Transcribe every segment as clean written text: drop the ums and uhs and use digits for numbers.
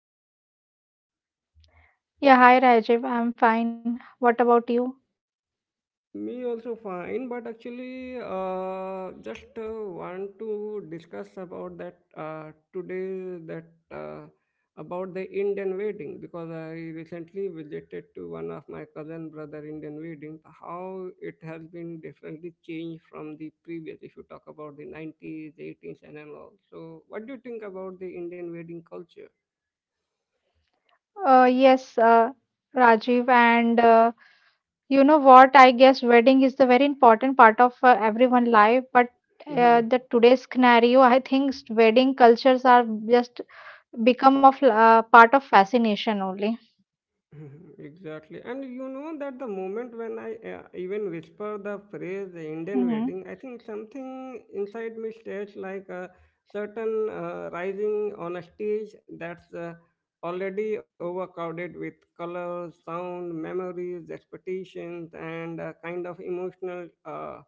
doing today? Yeah, hi Rajiv. I'm fine. What about you? Me also fine, but actually, just want to discuss about that today that about the Indian wedding because I recently visited to one of my cousin brother Indian wedding. How it has been differently changed from the previous. If you talk about the 90s, eighties, and all. So, what do you think about the Indian wedding culture? Uh, yes, uh, Rajiv. And you know what? I guess wedding is the very important part of everyone's life. But Mm-hmm. the today's scenario, I think wedding cultures are just become of part of fascination only. Mhm, exactly. And you know that the moment when I even whisper the phrase the Indian Mm-hmm. wedding, I think something inside me stares like a certain rising on a stage that's already overcrowded with colors, sound, memories, expectations, and a kind of emotional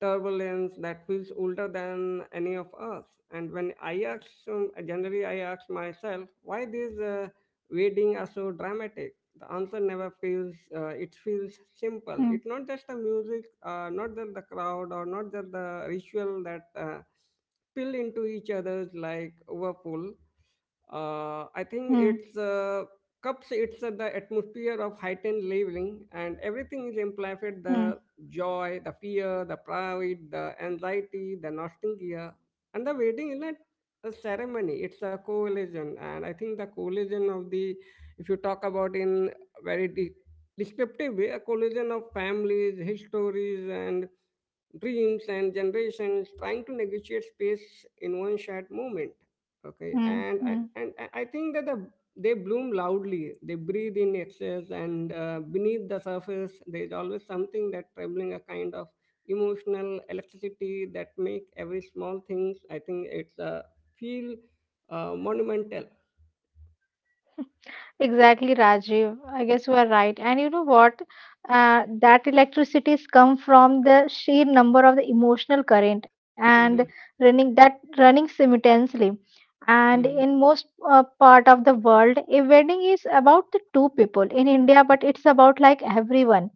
turbulence that feels older than any of us. And when I ask, so generally I ask myself, why these weddings are so dramatic? The answer never feels Mm-hmm. simple. It's not just the music, not just the crowd, or not just the ritual that spill into each other's like overfull, I Mm-hmm. think it's cups. It's the atmosphere of heightened living, and everything is amplified: the joy, the fear, the pride, the anxiety, the nostalgia. And the waiting is not a ceremony, it's a coalition. And I think the coalition of the, if you talk about in very descriptive way, a collision of families, histories, and dreams and generations trying to negotiate space in one shared moment. Okay, and I, Mm-hmm. and I I think that they bloom loudly, they breathe in excess, and beneath the surface, there is always something that troubling, a kind of emotional electricity that make every small things. I think it's feel monumental. Exactly, Rajiv. I guess you are right. And you know what? That electricities come from the sheer number of the emotional current and Mhm, running simultaneously. And mhm, in most part of the world, a wedding is about the two people. In India, but it's about like everyone.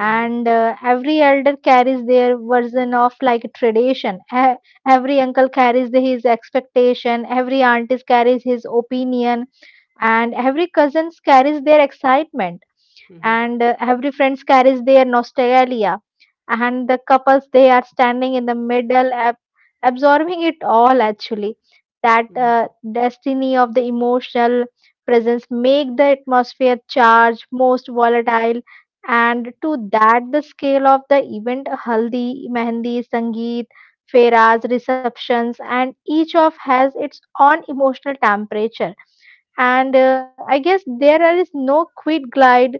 mhm, every elder carries their version of like tradition. Every uncle carries his expectation. Every aunt is carries his opinion and every cousins carries their excitement mhm, and every friends carries their nostalgia and the couples they are standing in the middle absorbing it all actually that mhm, destiny of the emotional presence make the atmosphere charged most volatile and to that the scale of the event haldi mehndi sangeet fairas receptions and each of has its own emotional temperature and I guess there is no quit glide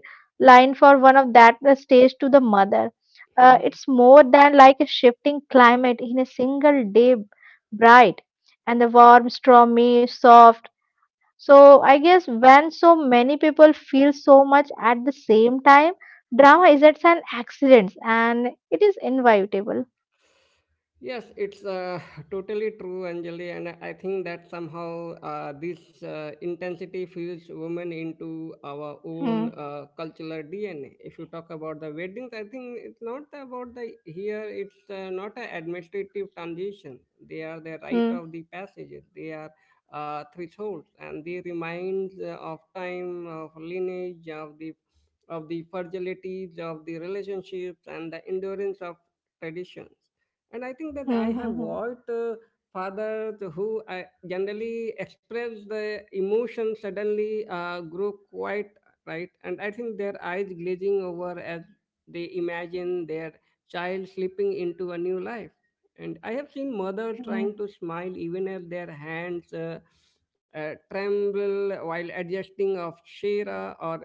line for one of that stage to the mother mhm. it's more than like a shifting climate in a single day bright and the warm stormy soft. So I guess when so many people feel so much at the same time, drama isn't an accident and it is inevitable. Yes, it's totally true, Anjali. And I think that somehow, this intensity fuels women into our own Hmm, cultural DNA. If you talk about the weddings, I think it's not about the here. It's not an administrative transition. They are the rite of hmm, the passages. They are thresholds, and they remind of time, of lineage, of the fragilities of the relationships, and the endurance of traditions. And I think that I hmm, have hmm, hmm, watched fathers who generally express the emotion suddenly grow quite right. And I think their eyes glazing over as they imagine their child slipping into a new life. And I have seen mothers trying hmm, to smile even as their hands tremble while adjusting of shira or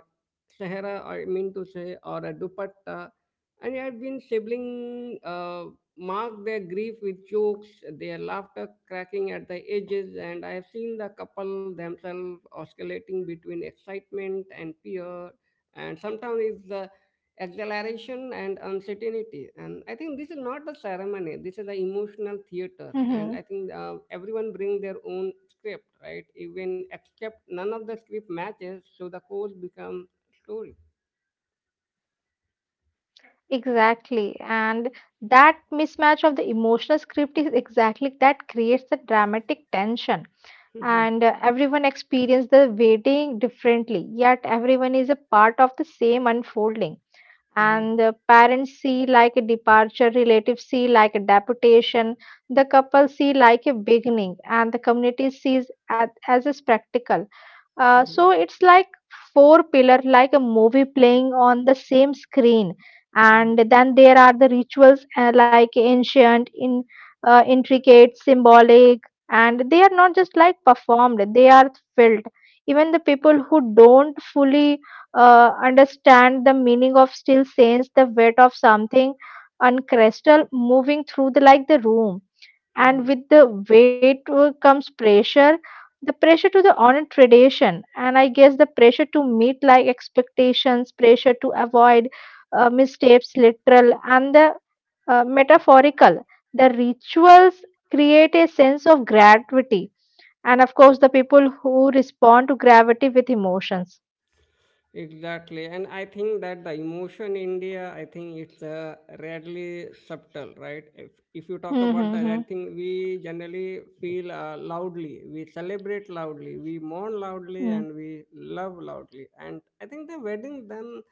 sahara, I mean to say, or a dupatta. And I have been sibling mark their grief with jokes, their laughter cracking at the edges, and I have seen the couple themselves oscillating between excitement and fear, and sometimes it's the exhilaration and uncertainty. And I think this is not a ceremony; this is the emotional theater. hmm, And hmm. I think everyone bring their own script, right? Even except none of the script matches, so the course become story. Exactly. And that mismatch of the emotional script is exactly that creates the dramatic tension. And everyone experiences the waiting differently, yet everyone is a part of the same unfolding and the parents see like a departure, relatives see like a deputation, the couple see like a beginning, and the community sees at, as a spectacle. So it's like four pillar, like a movie playing on the same screen, and then there are the rituals like ancient, in intricate, symbolic, and they are not just like performed; they are felt. Even the people who don't fully understand the meaning of still sense the weight of something and crystal moving through the like the room and with the weight comes pressure, the pressure to the honor tradition, and I guess the pressure to meet like expectations, pressure to avoid mistakes literal and the metaphorical. The rituals create a sense of gravity, and of course the people who respond to gravity with emotions. Exactly, and I think that the emotion India, I think it's rarely subtle, right? If you talk about that, I Mm-hmm. think we generally feel loudly, we celebrate loudly, we mourn loudly, and we love loudly. And I think the wedding then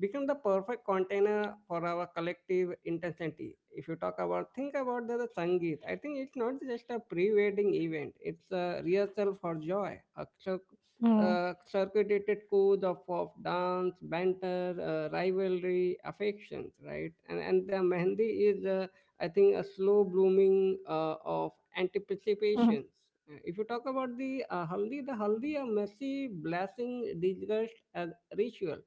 become the perfect container for our collective intensity. If you talk about, think about the Sangeet, I think it's not just a pre-wedding event; it's a rehearsal for joy. Uh, So Mm, uh, circulated code of dance, banter, rivalry, affections, right? And the Mehndi is, I think, a slow blooming mhm, of anticipations. If you talk about the Haldi, a messy blessing disguised as ritual.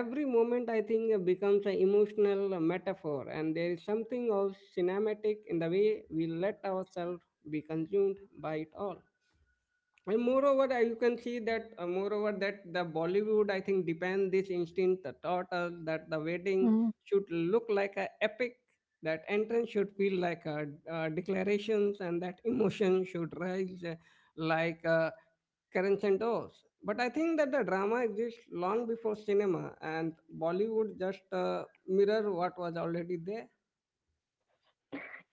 Every moment I think becomes an emotional metaphor, and there is something also cinematic in the way we let ourselves be consumed by it all. And moreover, you can see that, moreover that the Bollywood, I think, depend this instinct that taught us that the wedding mm. should look like a epic, that entrance should feel like a declarations, and that emotion should rise like crescendos. But I think that the drama exists long before cinema, and Bollywood just mirror what was already there.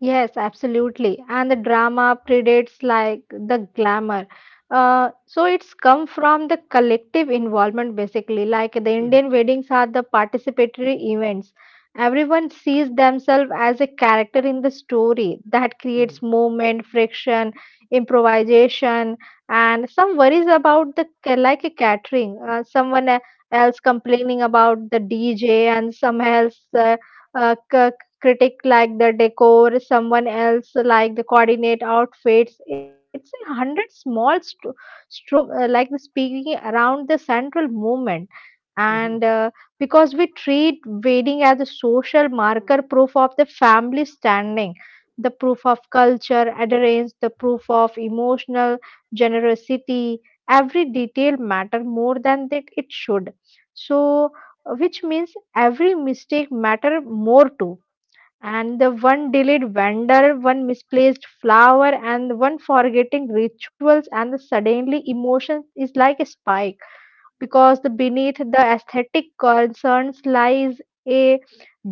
Yes, absolutely. And the drama predates like the glamour. So it's come from the collective involvement basically. Like the Mhm, Indian weddings are the participatory events. Everyone sees themselves as a character in the story that mhm, creates movement, friction, improvisation, and some worries about the like a catering. Someone else complaining about the DJ and some else. Uh, Critic like the decor, someone else like the coordinate outfits. It's a hundred small like the speaking around the central movement. mhm. And Because we treat wedding as a social marker, proof of the family standing, the proof of culture, adherence, the proof of emotional generosity, every detail matter more than that it should. So, which means every mistake matter more too and the one delayed vendor, one misplaced flower, and one forgetting rituals, and the suddenly emotion is like a spike because the beneath the aesthetic concerns lies a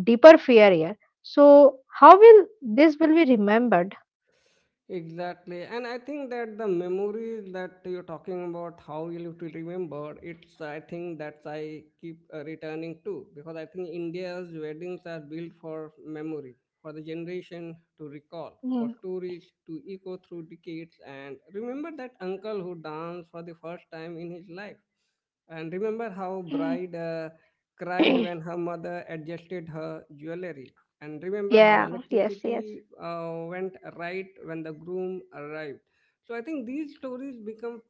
deeper fear here. So how will this will be remembered? Exactly. And I think that the memories that you're talking about, how you'll to remember, it's I think that's I keep returning to, because I think India's weddings are built for memory, for the generation to recall, Hmm. for stories to echo through decades, and remember that uncle who danced for the first time in his life. And remember how bride cried when her mother adjusted her jewelry, and remember how yeah. Yes. Yes. electricity went right when the groom arrived. So I think these stories become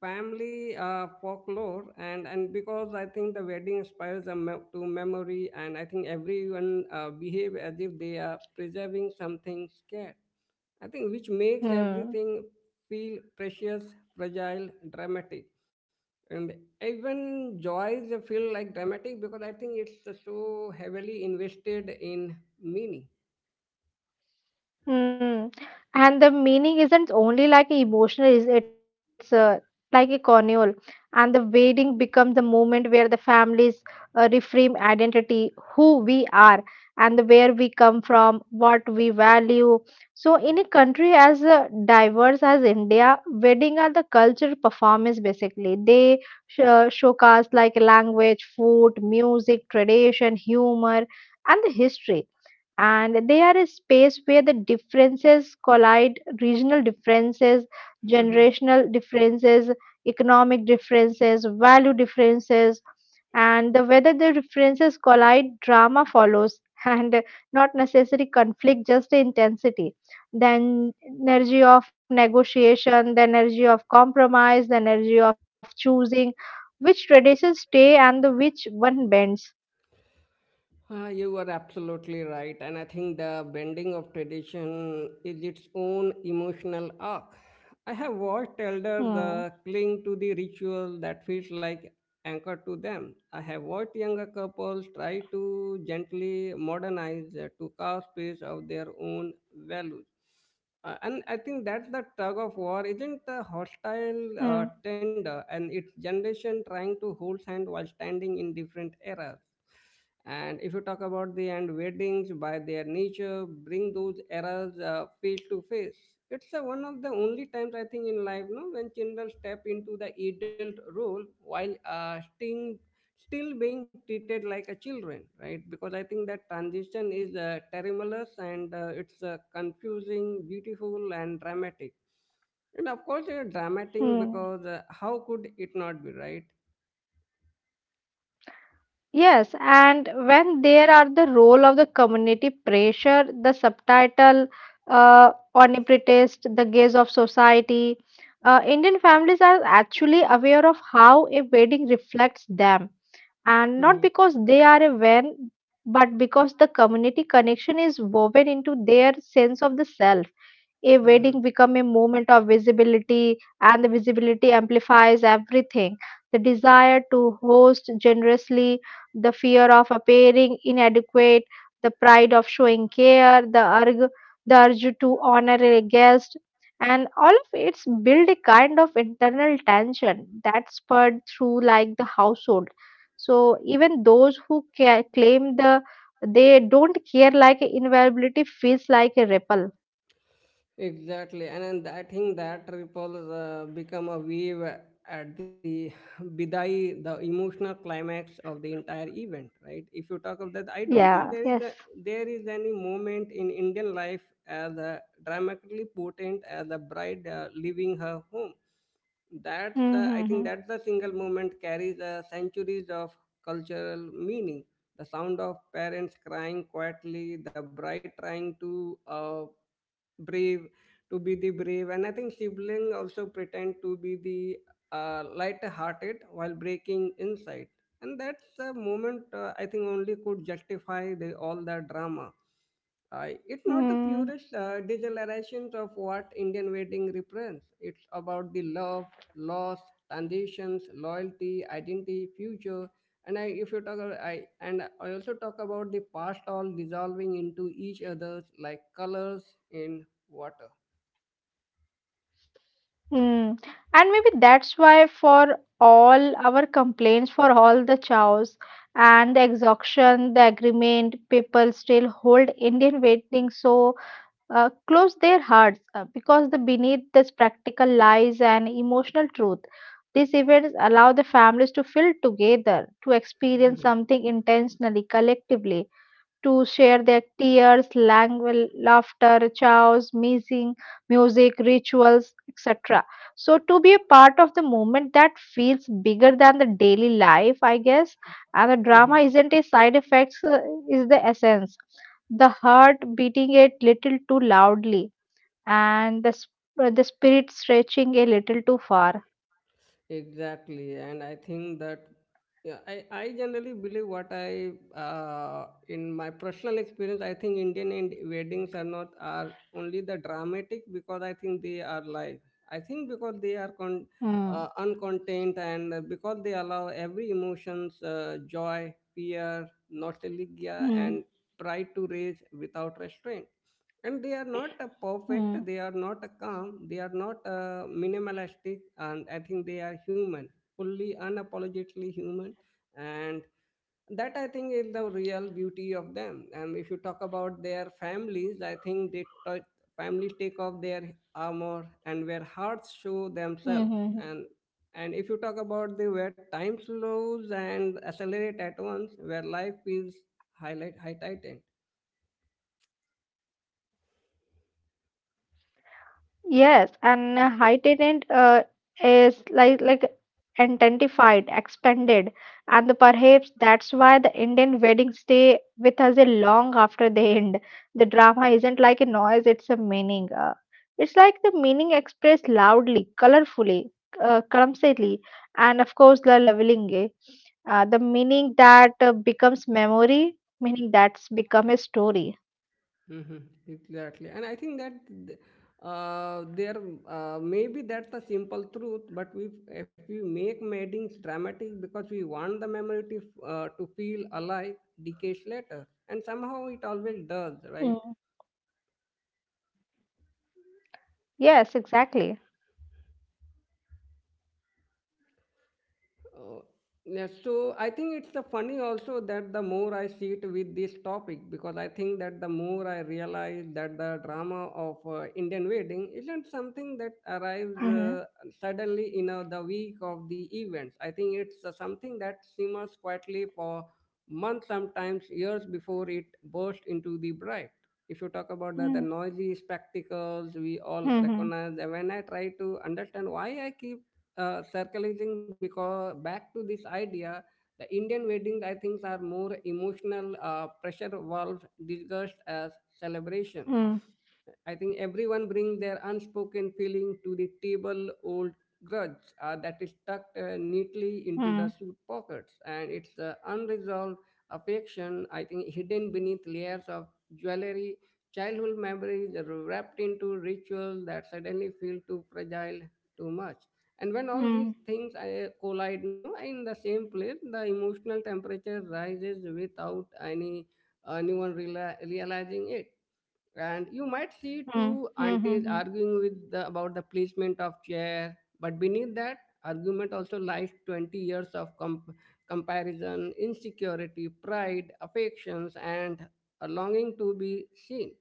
family folklore, and because I think the wedding inspires to memory, and I think everyone behave as if they are preserving something scared. I think which makes Hmm. everything feel precious, fragile, dramatic. And even joys they feel like dramatic because I think it's so heavily invested in meaning. Hmm. And the meaning isn't only like emotional, is it's like a corneal. And the wedding becomes the moment where the families reframe identity, who we are, and where we come from, what we value. So, in a country as diverse as India, wedding are the cultural performance basically. They showcase like language, food, music, tradition, humor, and the history and they are a space where the differences collide regional differences generational differences economic differences value differences and the, whether the differences collide drama follows and not necessary conflict just the intensity then energy of negotiation the energy of compromise the energy of choosing which traditions stay and the which one bends. You are absolutely right. And I think the bending of tradition is its own emotional arc. I have watched elders Hmm. Cling to the ritual that feels like anchor to them. I have watched younger couples try to gently modernize, to carve space of their own values. And I think that's the tug of war, isn't Hmm. a hostile tender, and it's generation trying to hold hand while standing in different eras. And if you talk about the, and weddings by their nature bring those errors face to face. It's one of the only times I think in life, no, when children step into the adult role while staying, still being treated like a children, right? Because I think that transition is tremulous, and it's confusing, beautiful, and dramatic. And of course, it's dramatic Hmm. because how could it not be, right? Yes, and when there are the role of the community pressure, the subtitle omnipresent, the gaze of society, Indian families are actually aware of how a wedding reflects them, and not because they are a when, but because the community connection is woven into their sense of the self. A Hmm. wedding become a moment of visibility and the visibility amplifies everything, the desire to host generously, the fear of appearing inadequate, the pride of showing care, the urge to honor a guest, and all of it's build a kind of internal tension that spurred through like the household. So even those who claim the they don't care like invulnerability feels like a ripple. Exactly, and then I think that ripples become a wave at the bidai, the emotional climax of the entire event, right? If you talk of that, I don't Yeah, think yes. There is any moment in Indian life as dramatically potent as the bride leaving her home. I think Mm-hmm. that's the single moment carries centuries of cultural meaning. The sound of parents crying quietly, the bride trying to, brave to be the brave, and I think sibling also pretend to be the light hearted while breaking inside. And that's a moment I think only could justify the all the drama. It's not the Mm, purest digitalization of what Indian wedding represents. It's about the love, loss, transitions, loyalty, identity, future, and if you talk, about, I also talk about the past all dissolving into each other's like colors in water. mm. And maybe that's why for all our complaints, for all the chows and the exhaustion, the agreement, people still hold Indian waiting so close their hearts because the beneath this practical lies and emotional truth. These events allow the families to feel together, to experience Mhm, something intentionally, collectively, to share their tears, language, laughter, chows, missing, music, rituals, etc. So, to be a part of the movement that feels bigger than the daily life, I guess, and the mhm. drama isn't a side effect, is the essence. The heart beating a little too loudly, and the spirit stretching a little too far. Exactly, and I think that, yeah, I generally believe what I in my personal experience, I think Indian end weddings are not are only the dramatic because I think they are live. I think because they are Mm. Uncontained, and because they allow every emotions, joy, fear, nostalgia, Mm. and pride, to raise without restraint. And they are not a perfect, Mm. they are not a calm, they are not a minimalistic. And I think they are human, fully unapologetically human. And that I think is the real beauty of them. And if you talk about their families, I think families take off their armor and where hearts show themselves. Mm-hmm. And and if you talk about the, where time slows and accelerate at once, where life is highlight high titan. Yes, and high tenant is like intensified, expanded, and the perhaps that's why the Indian weddings stay with us a long after they end. The drama isn't like a noise; it's a meaning. It's like the meaning expressed loudly, colorfully, clumsily, and of course, the leveling. Eh? The meaning that becomes memory, meaning that's become a story. Mhm, exactly. And I think that th- there, maybe that's the simple truth, but we if we make meetings dramatic because we want the memory to to feel alive decades later, and somehow it always does, Mm. right? Yes, exactly. Uh, yeah, so I think it's a funny also that the more I sit with this topic, because I think that the more I realize that the drama of Indian wedding isn't something that arrives Mm-hmm. Suddenly in the week of the events. I think it's something that simmers quietly for months, sometimes years before it bursts into the bright. If you Mm. talk about the noisy spectacles, we Mhm. all recognize. And when I try to understand why I keep circulating because back to this idea, the Indian weddings I think are more emotional pressure valve discussed as celebrations. Mm. I think everyone bring their unspoken feeling to the table, old grudge that is tucked neatly into the Mm. suit pockets, and it's unresolved affection. I think hidden beneath layers of jewelry, childhood memories wrapped into rituals that suddenly feel too fragile, too much. And when all Mm. these things collide, no, in the same place, the emotional temperature rises without realizing it. And you might see Mm. two aunties Mhm. arguing with the, about the placement of chair, but beneath that argument also lies 20 years of comparison, insecurity, pride, affections, and a longing to be seen.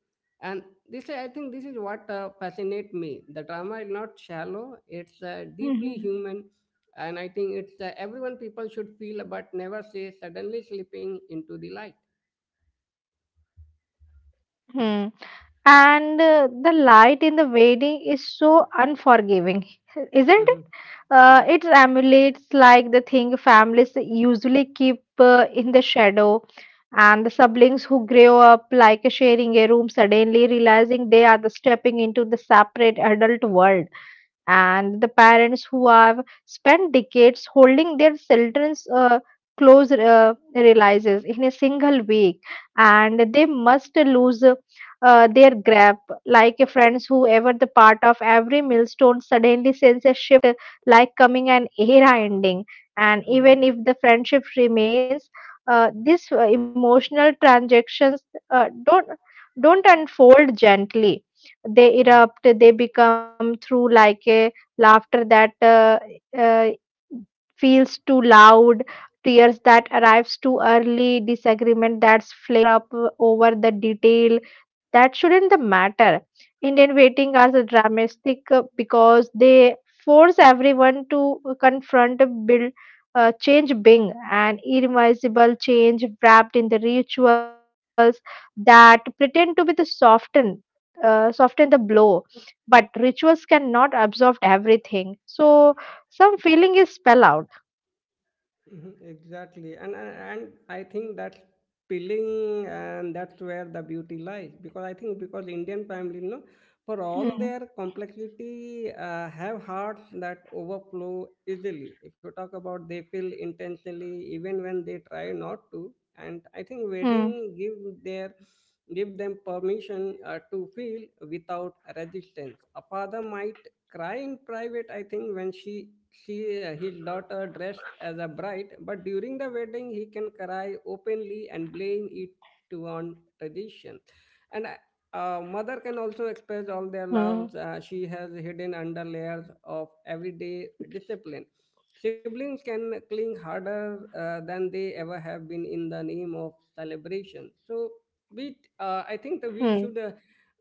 And this I think this is what fascinates me. The drama is not shallow, it's deeply Mhm. human. And I think it's everyone people should feel but never say, suddenly slipping into the light. Mm. And the light in the wedding is so unforgiving, isn't it? Mhm. It emulates like the thing families usually keep in the shadow, and the siblings who grow up like sharing a room suddenly realizing they are the stepping into the separate adult world and the parents who have spent decades holding their children's close realizes in a single week and they must lose their grip like a friends whoever the part of every millstone suddenly sense a shift like coming an era ending and Mhm. even if the friendship remains these emotional transactions uh, don't don't unfold gently. They Mhm. erupt, they become through like a laughter that uh, feels too loud, tears that arrives too early, disagreement that's flare up over the detail that shouldn't the matter. Indian waiting hours are the dramatic because they force everyone to confront a build. Change being an irreversible change wrapped in the rituals that pretend to be the soften soften the blow, but rituals cannot absorb everything. So some feeling is spell out. Mhm, exactly, and I think that's appealing, and that's where the beauty lies. Because I think, because Indian family, you know, for all their Hmm. complexity, have hearts that overflow easily. If you talk about, they feel intentionally even when they try not to. And I think Hmm. wedding give their give them permission to feel without resistance. A father might cry in private, I think, when she his daughter dressed as a bride, but during the wedding he can cry openly and blame it to on tradition, and mother can also express all their Hmm. loves she has hidden under layers of everyday discipline. Siblings can cling harder than they ever have been in the name of celebration. So we I think that we Hmm. should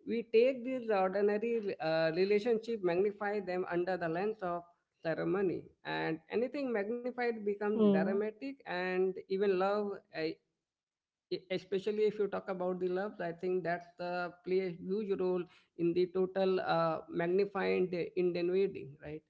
we take these ordinary relationship, magnify them under the lens of ceremony, and anything magnified becomes Hmm. dramatic. And even love, I- especially if you talk about the loves, I think that's the play a huge role in the total magnified ingenuity, right?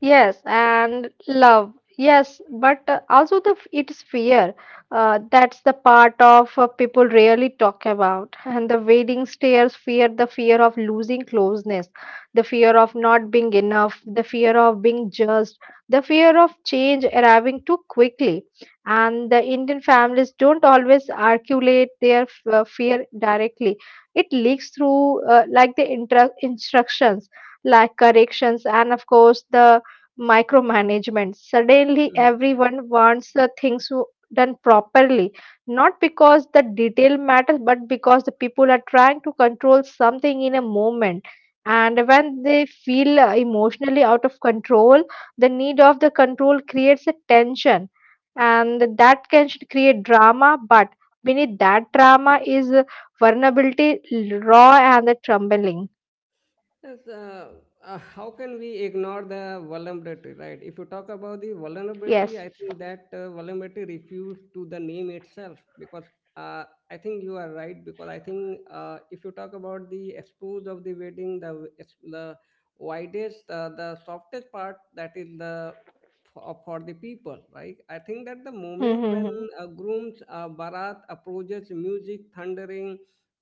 Yes, and love. Yes, but also it's fear. That's the part of people rarely talk about. And the waiting stairs fear, the fear of losing closeness, the fear of not being enough, the fear of being judged, the fear of change arriving too quickly. And the Indian families don't always articulate their fear directly. It leaks through like the instructions like corrections, and of course the micromanagement. Suddenly, everyone wants the things done properly, not because the detail matters, but because the people are trying to control something in a moment. And when they feel emotionally out of control, the need of the control creates a tension, and that can should create drama. But beneath that drama is vulnerability, raw, and the trembling. Yes, how can we ignore the vulnerability, right? If you talk about the Yes. vulnerability, I think that vulnerability refers to the name itself because uh, I think you are right. Because I think if you talk about the expose of the wedding, the widest, the Mm-hmm. softest part, that is the for the people, right? I think that the hmm, moment hmm, when hmm. Groom's barat approaches, music thundering,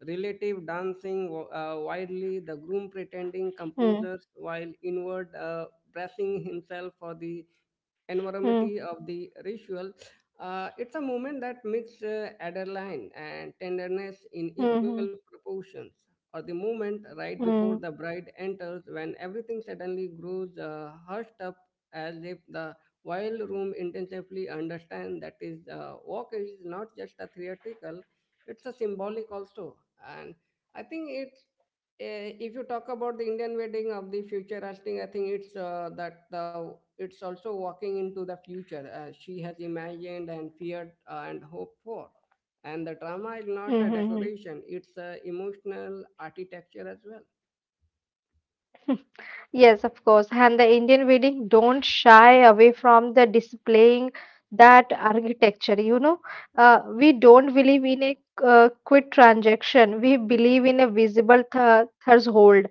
relative dancing wildly, the groom pretending hmm, composers while inward dressing himself for the hmm, enormity of the ritual. It's a moment that mixed adrenaline and tenderness in hmm, equal hmm, proportions, or the moment right before hmm, the bride enters, when everything suddenly grows hushed up, as if the while room intensively understand that is walk is not just a theatrical, it's a symbolic also. And I think it eh, if you talk about the Indian wedding of the future, I think it's that it's also walking into the future. She has imagined and feared and hoped for, and the drama is hmm, not a hmm, hmm. Hmm decoration; it's a emotional architecture as well. Yes, of course. And the Indian wedding don't shy away from the displaying that architecture. You know, we don't believe in a quick transaction. We believe in a visible th threshold.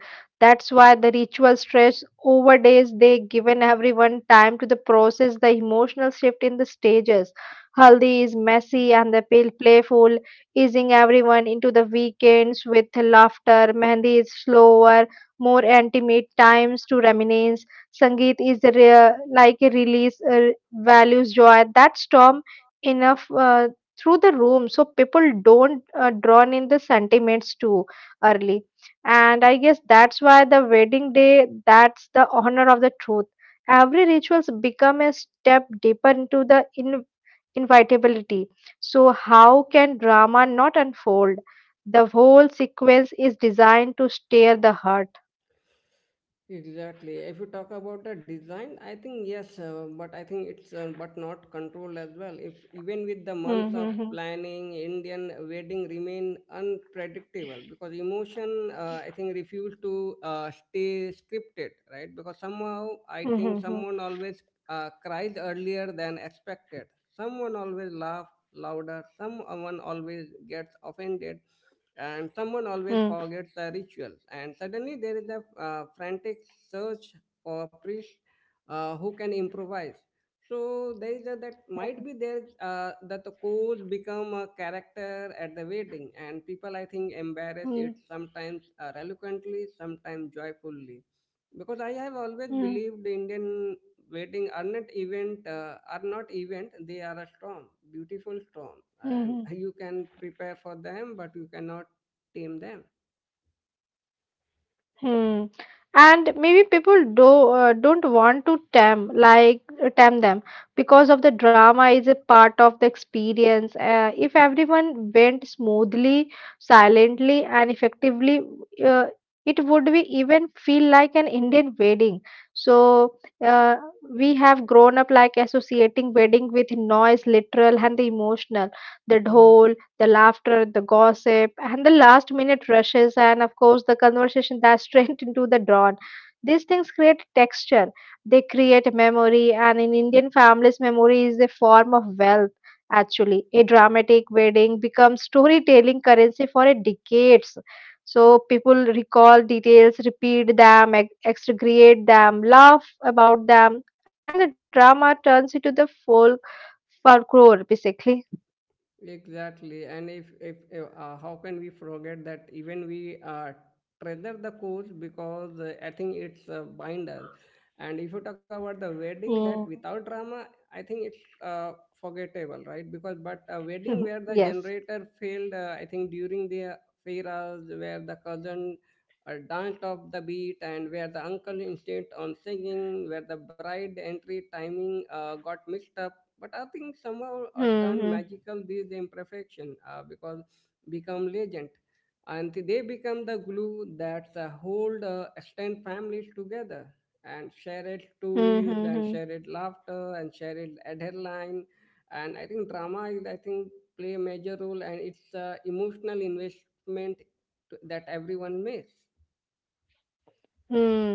That's why the ritual stretch over days. They given everyone time to the process the emotional shift in the stages. Haldi is messy and the pale playful, easing everyone into the weekends with laughter. Mehndi is slower, more intimate times to reminisce. Sangeet is a like a release, values joy that storm enough through the room so people don't drown in the sentiments too early. And I guess that's why the wedding day, that's the honor of the truth. Every rituals become a step deeper into the invitability. So how can drama not unfold? The whole sequence is designed to stir the heart. Exactly. If you talk about the design, I think yes, but I think it's but not control as well. If even with the months Mhm, of mhm, planning, Indian wedding remain unpredictable because emotion, I think, refuse to stay scripted, right? Because somehow I think mhm, someone always cries earlier than expected. Someone always laugh louder. Someone always gets offended, and someone always mhm, forgets the ritual, and suddenly there is a frantic search for a priest who can improvise. So there is a, that might be there that the coach become a character at the wedding, and people, I think, embarrass mhm, it, sometimes eloquently, sometimes joyfully, because I have always mhm, believed Indian wedding are not event are not event, they are a storm, beautiful storm, and mhm, you can prepare for them but you cannot team them. mhm. And maybe people do don't want to tame like tame them because of the drama is a part of the experience. If everyone went smoothly, silently, and effectively, uh, it would be even feel like an Indian wedding. So uh, we have grown up like associating wedding with noise, literal and the emotional the Mhm. dhol the laughter, the gossip, and the last minute rushes, and of course, the conversation that's straight into the dawn. These things create texture, they create memory, and in Indian families, memory is a form of wealth. Actually, a dramatic wedding becomes storytelling currency for a decades. So people recall details, repeat them, exaggerate them, laugh about them, and the drama turns into the folklore, basically. Exactly, and if, how can we forget that even we uh, treasure the course, because I think it's bind us. And if you talk about the wedding, that Mm. without drama, I think it's forgettable, right? Because, but a wedding where the yes. generator failed, I think during the fairas, where the cousin danced off the beat, and where the uncle insisted on singing, where the bride entry timing got mixed up, but I think somehow 嗯 turned 嗯 magical. These imperfection, because become legend, and they become the glue that hold extend families together, and share it 嗯 stories, 嗯 and 嗯。share it laughter, and share it headline. And I think drama is I think play a major role, and it's emotional investment that everyone makes. Hmm.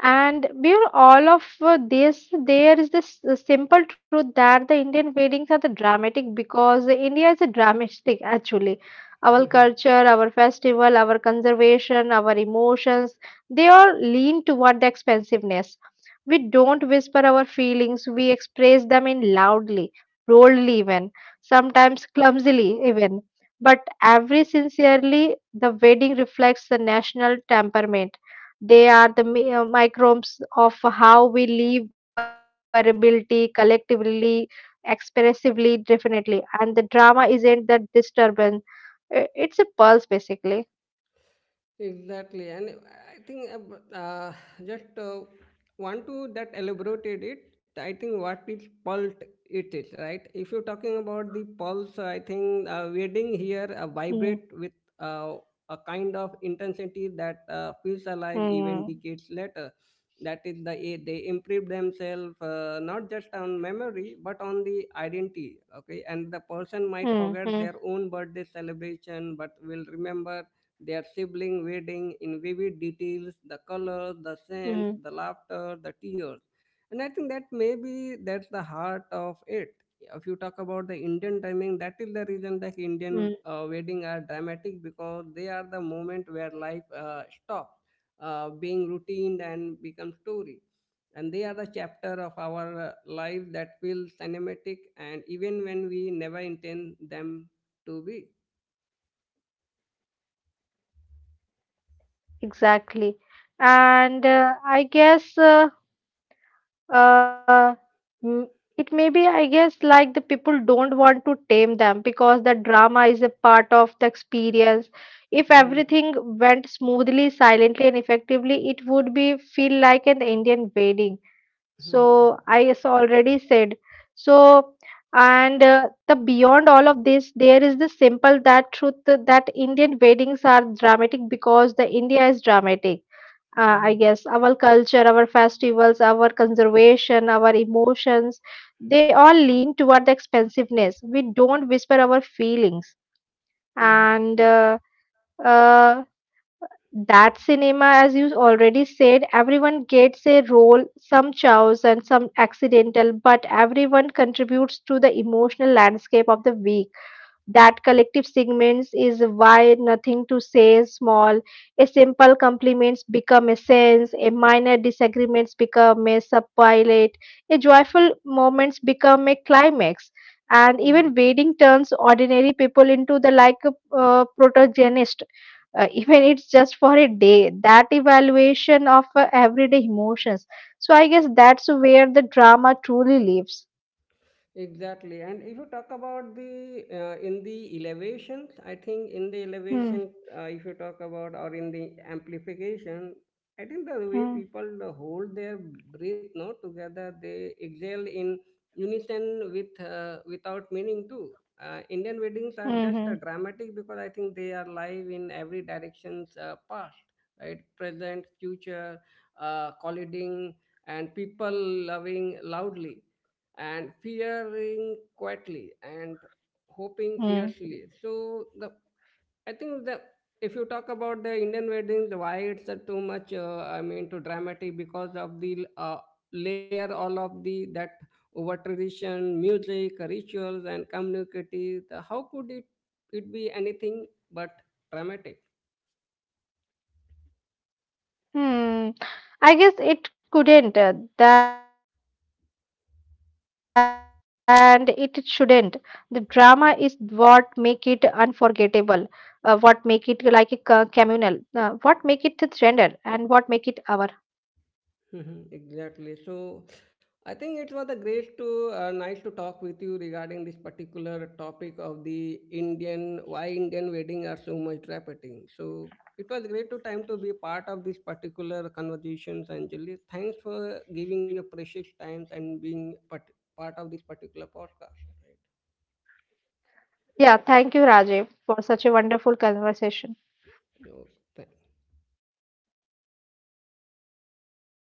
And beyond all of this, there is this simple truth that the Indian weddings are the dramatic because India is a dramatic actually. Our culture, our festival, our conservation, our emotions, they all lean toward the expensiveness. We don't whisper our feelings, we express them in loudly, boldly even, sometimes clumsily even. But every sincerely, the wedding reflects the national temperament. They are the microbes of how we live, variability, collectively, expressively, definitely. And the drama isn't the disturbance, it's a pulse, basically. Exactly, and I think but, just want to that elaborated it. I think what is pulse, it is right. If you're talking about the pulse, I think wedding here vibrate Mm, with uh, a kind of intensity that feels alive even mm, decades later. That is the they improve themselves not just on memory but on the identity. Okay, and the person might mm, forget their mm, own birthday celebration, but will remember their sibling wedding in vivid details, the colors, the scents, the mm, laughter, the tears. And I think that maybe that's the heart of it. If you talk about the Indian timing, that is the reason that Indian mm. Wedding are dramatic, because they are the moment where life stops being routine and becomes story. And they are the chapter of our life that feels cinematic, and even when we never intend them to be. Exactly. And I guess. Uh, mm, It may be, I guess, like the people don't want to tame them because the drama is a part of the experience. If Mhm. everything went smoothly, silently, and effectively, it would be feel like an Indian wedding. Mhm. So already said. So and the beyond all of this, there is the simple that truth that Indian weddings are dramatic because the India is dramatic. I Mhm. guess our culture our festivals our conservation our emotions they all lean toward the expensiveness we don't whisper our feelings Mhm. and uh, that cinema as you already said everyone gets a role some chows and some accidental but everyone contributes to the emotional landscape of the week. That collective segments is why nothing to say small. A simple compliments become a sense, a minor disagreements become a subpilot, a joyful moments become a climax, and Mhm. even waiting turns ordinary people into the like protagonist even it's just for a day that evaluation of everyday emotions. So I guess that's where the drama truly lives. Exactly. And if you talk about the in the elevations, I think in the Hmm, elevation, if you talk about or in the amplification, I think the way hmm, people hold their breath, no, together, they exhale in unison with without meaning too. Indian weddings are just hmm, dramatic because I think they are live in every directions, past, right, present, future, colliding, and people loving loudly and fearing quietly and hoping hmm. fiercely. So the I think the if you talk about the Indian weddings, why it's too much I mean too dramatic, because of the layer all of the that over tradition, music, rituals, and community. How could it be anything but dramatic? Hmm. I guess it couldn't, and it shouldn't. The drama is what make it unforgettable, what make it like a communal, what make it the gender, and what make it our. Mhm, exactly. So I think it was a great to nice to talk with you regarding this particular topic of the Indian wedding are so much trafficking. So it was great to time to be part of this particular conversations, Anjali. Thanks for giving your precious times and being part of this particular podcast. Right. Yeah, thank you, Rajiv, for such a wonderful conversation. You know,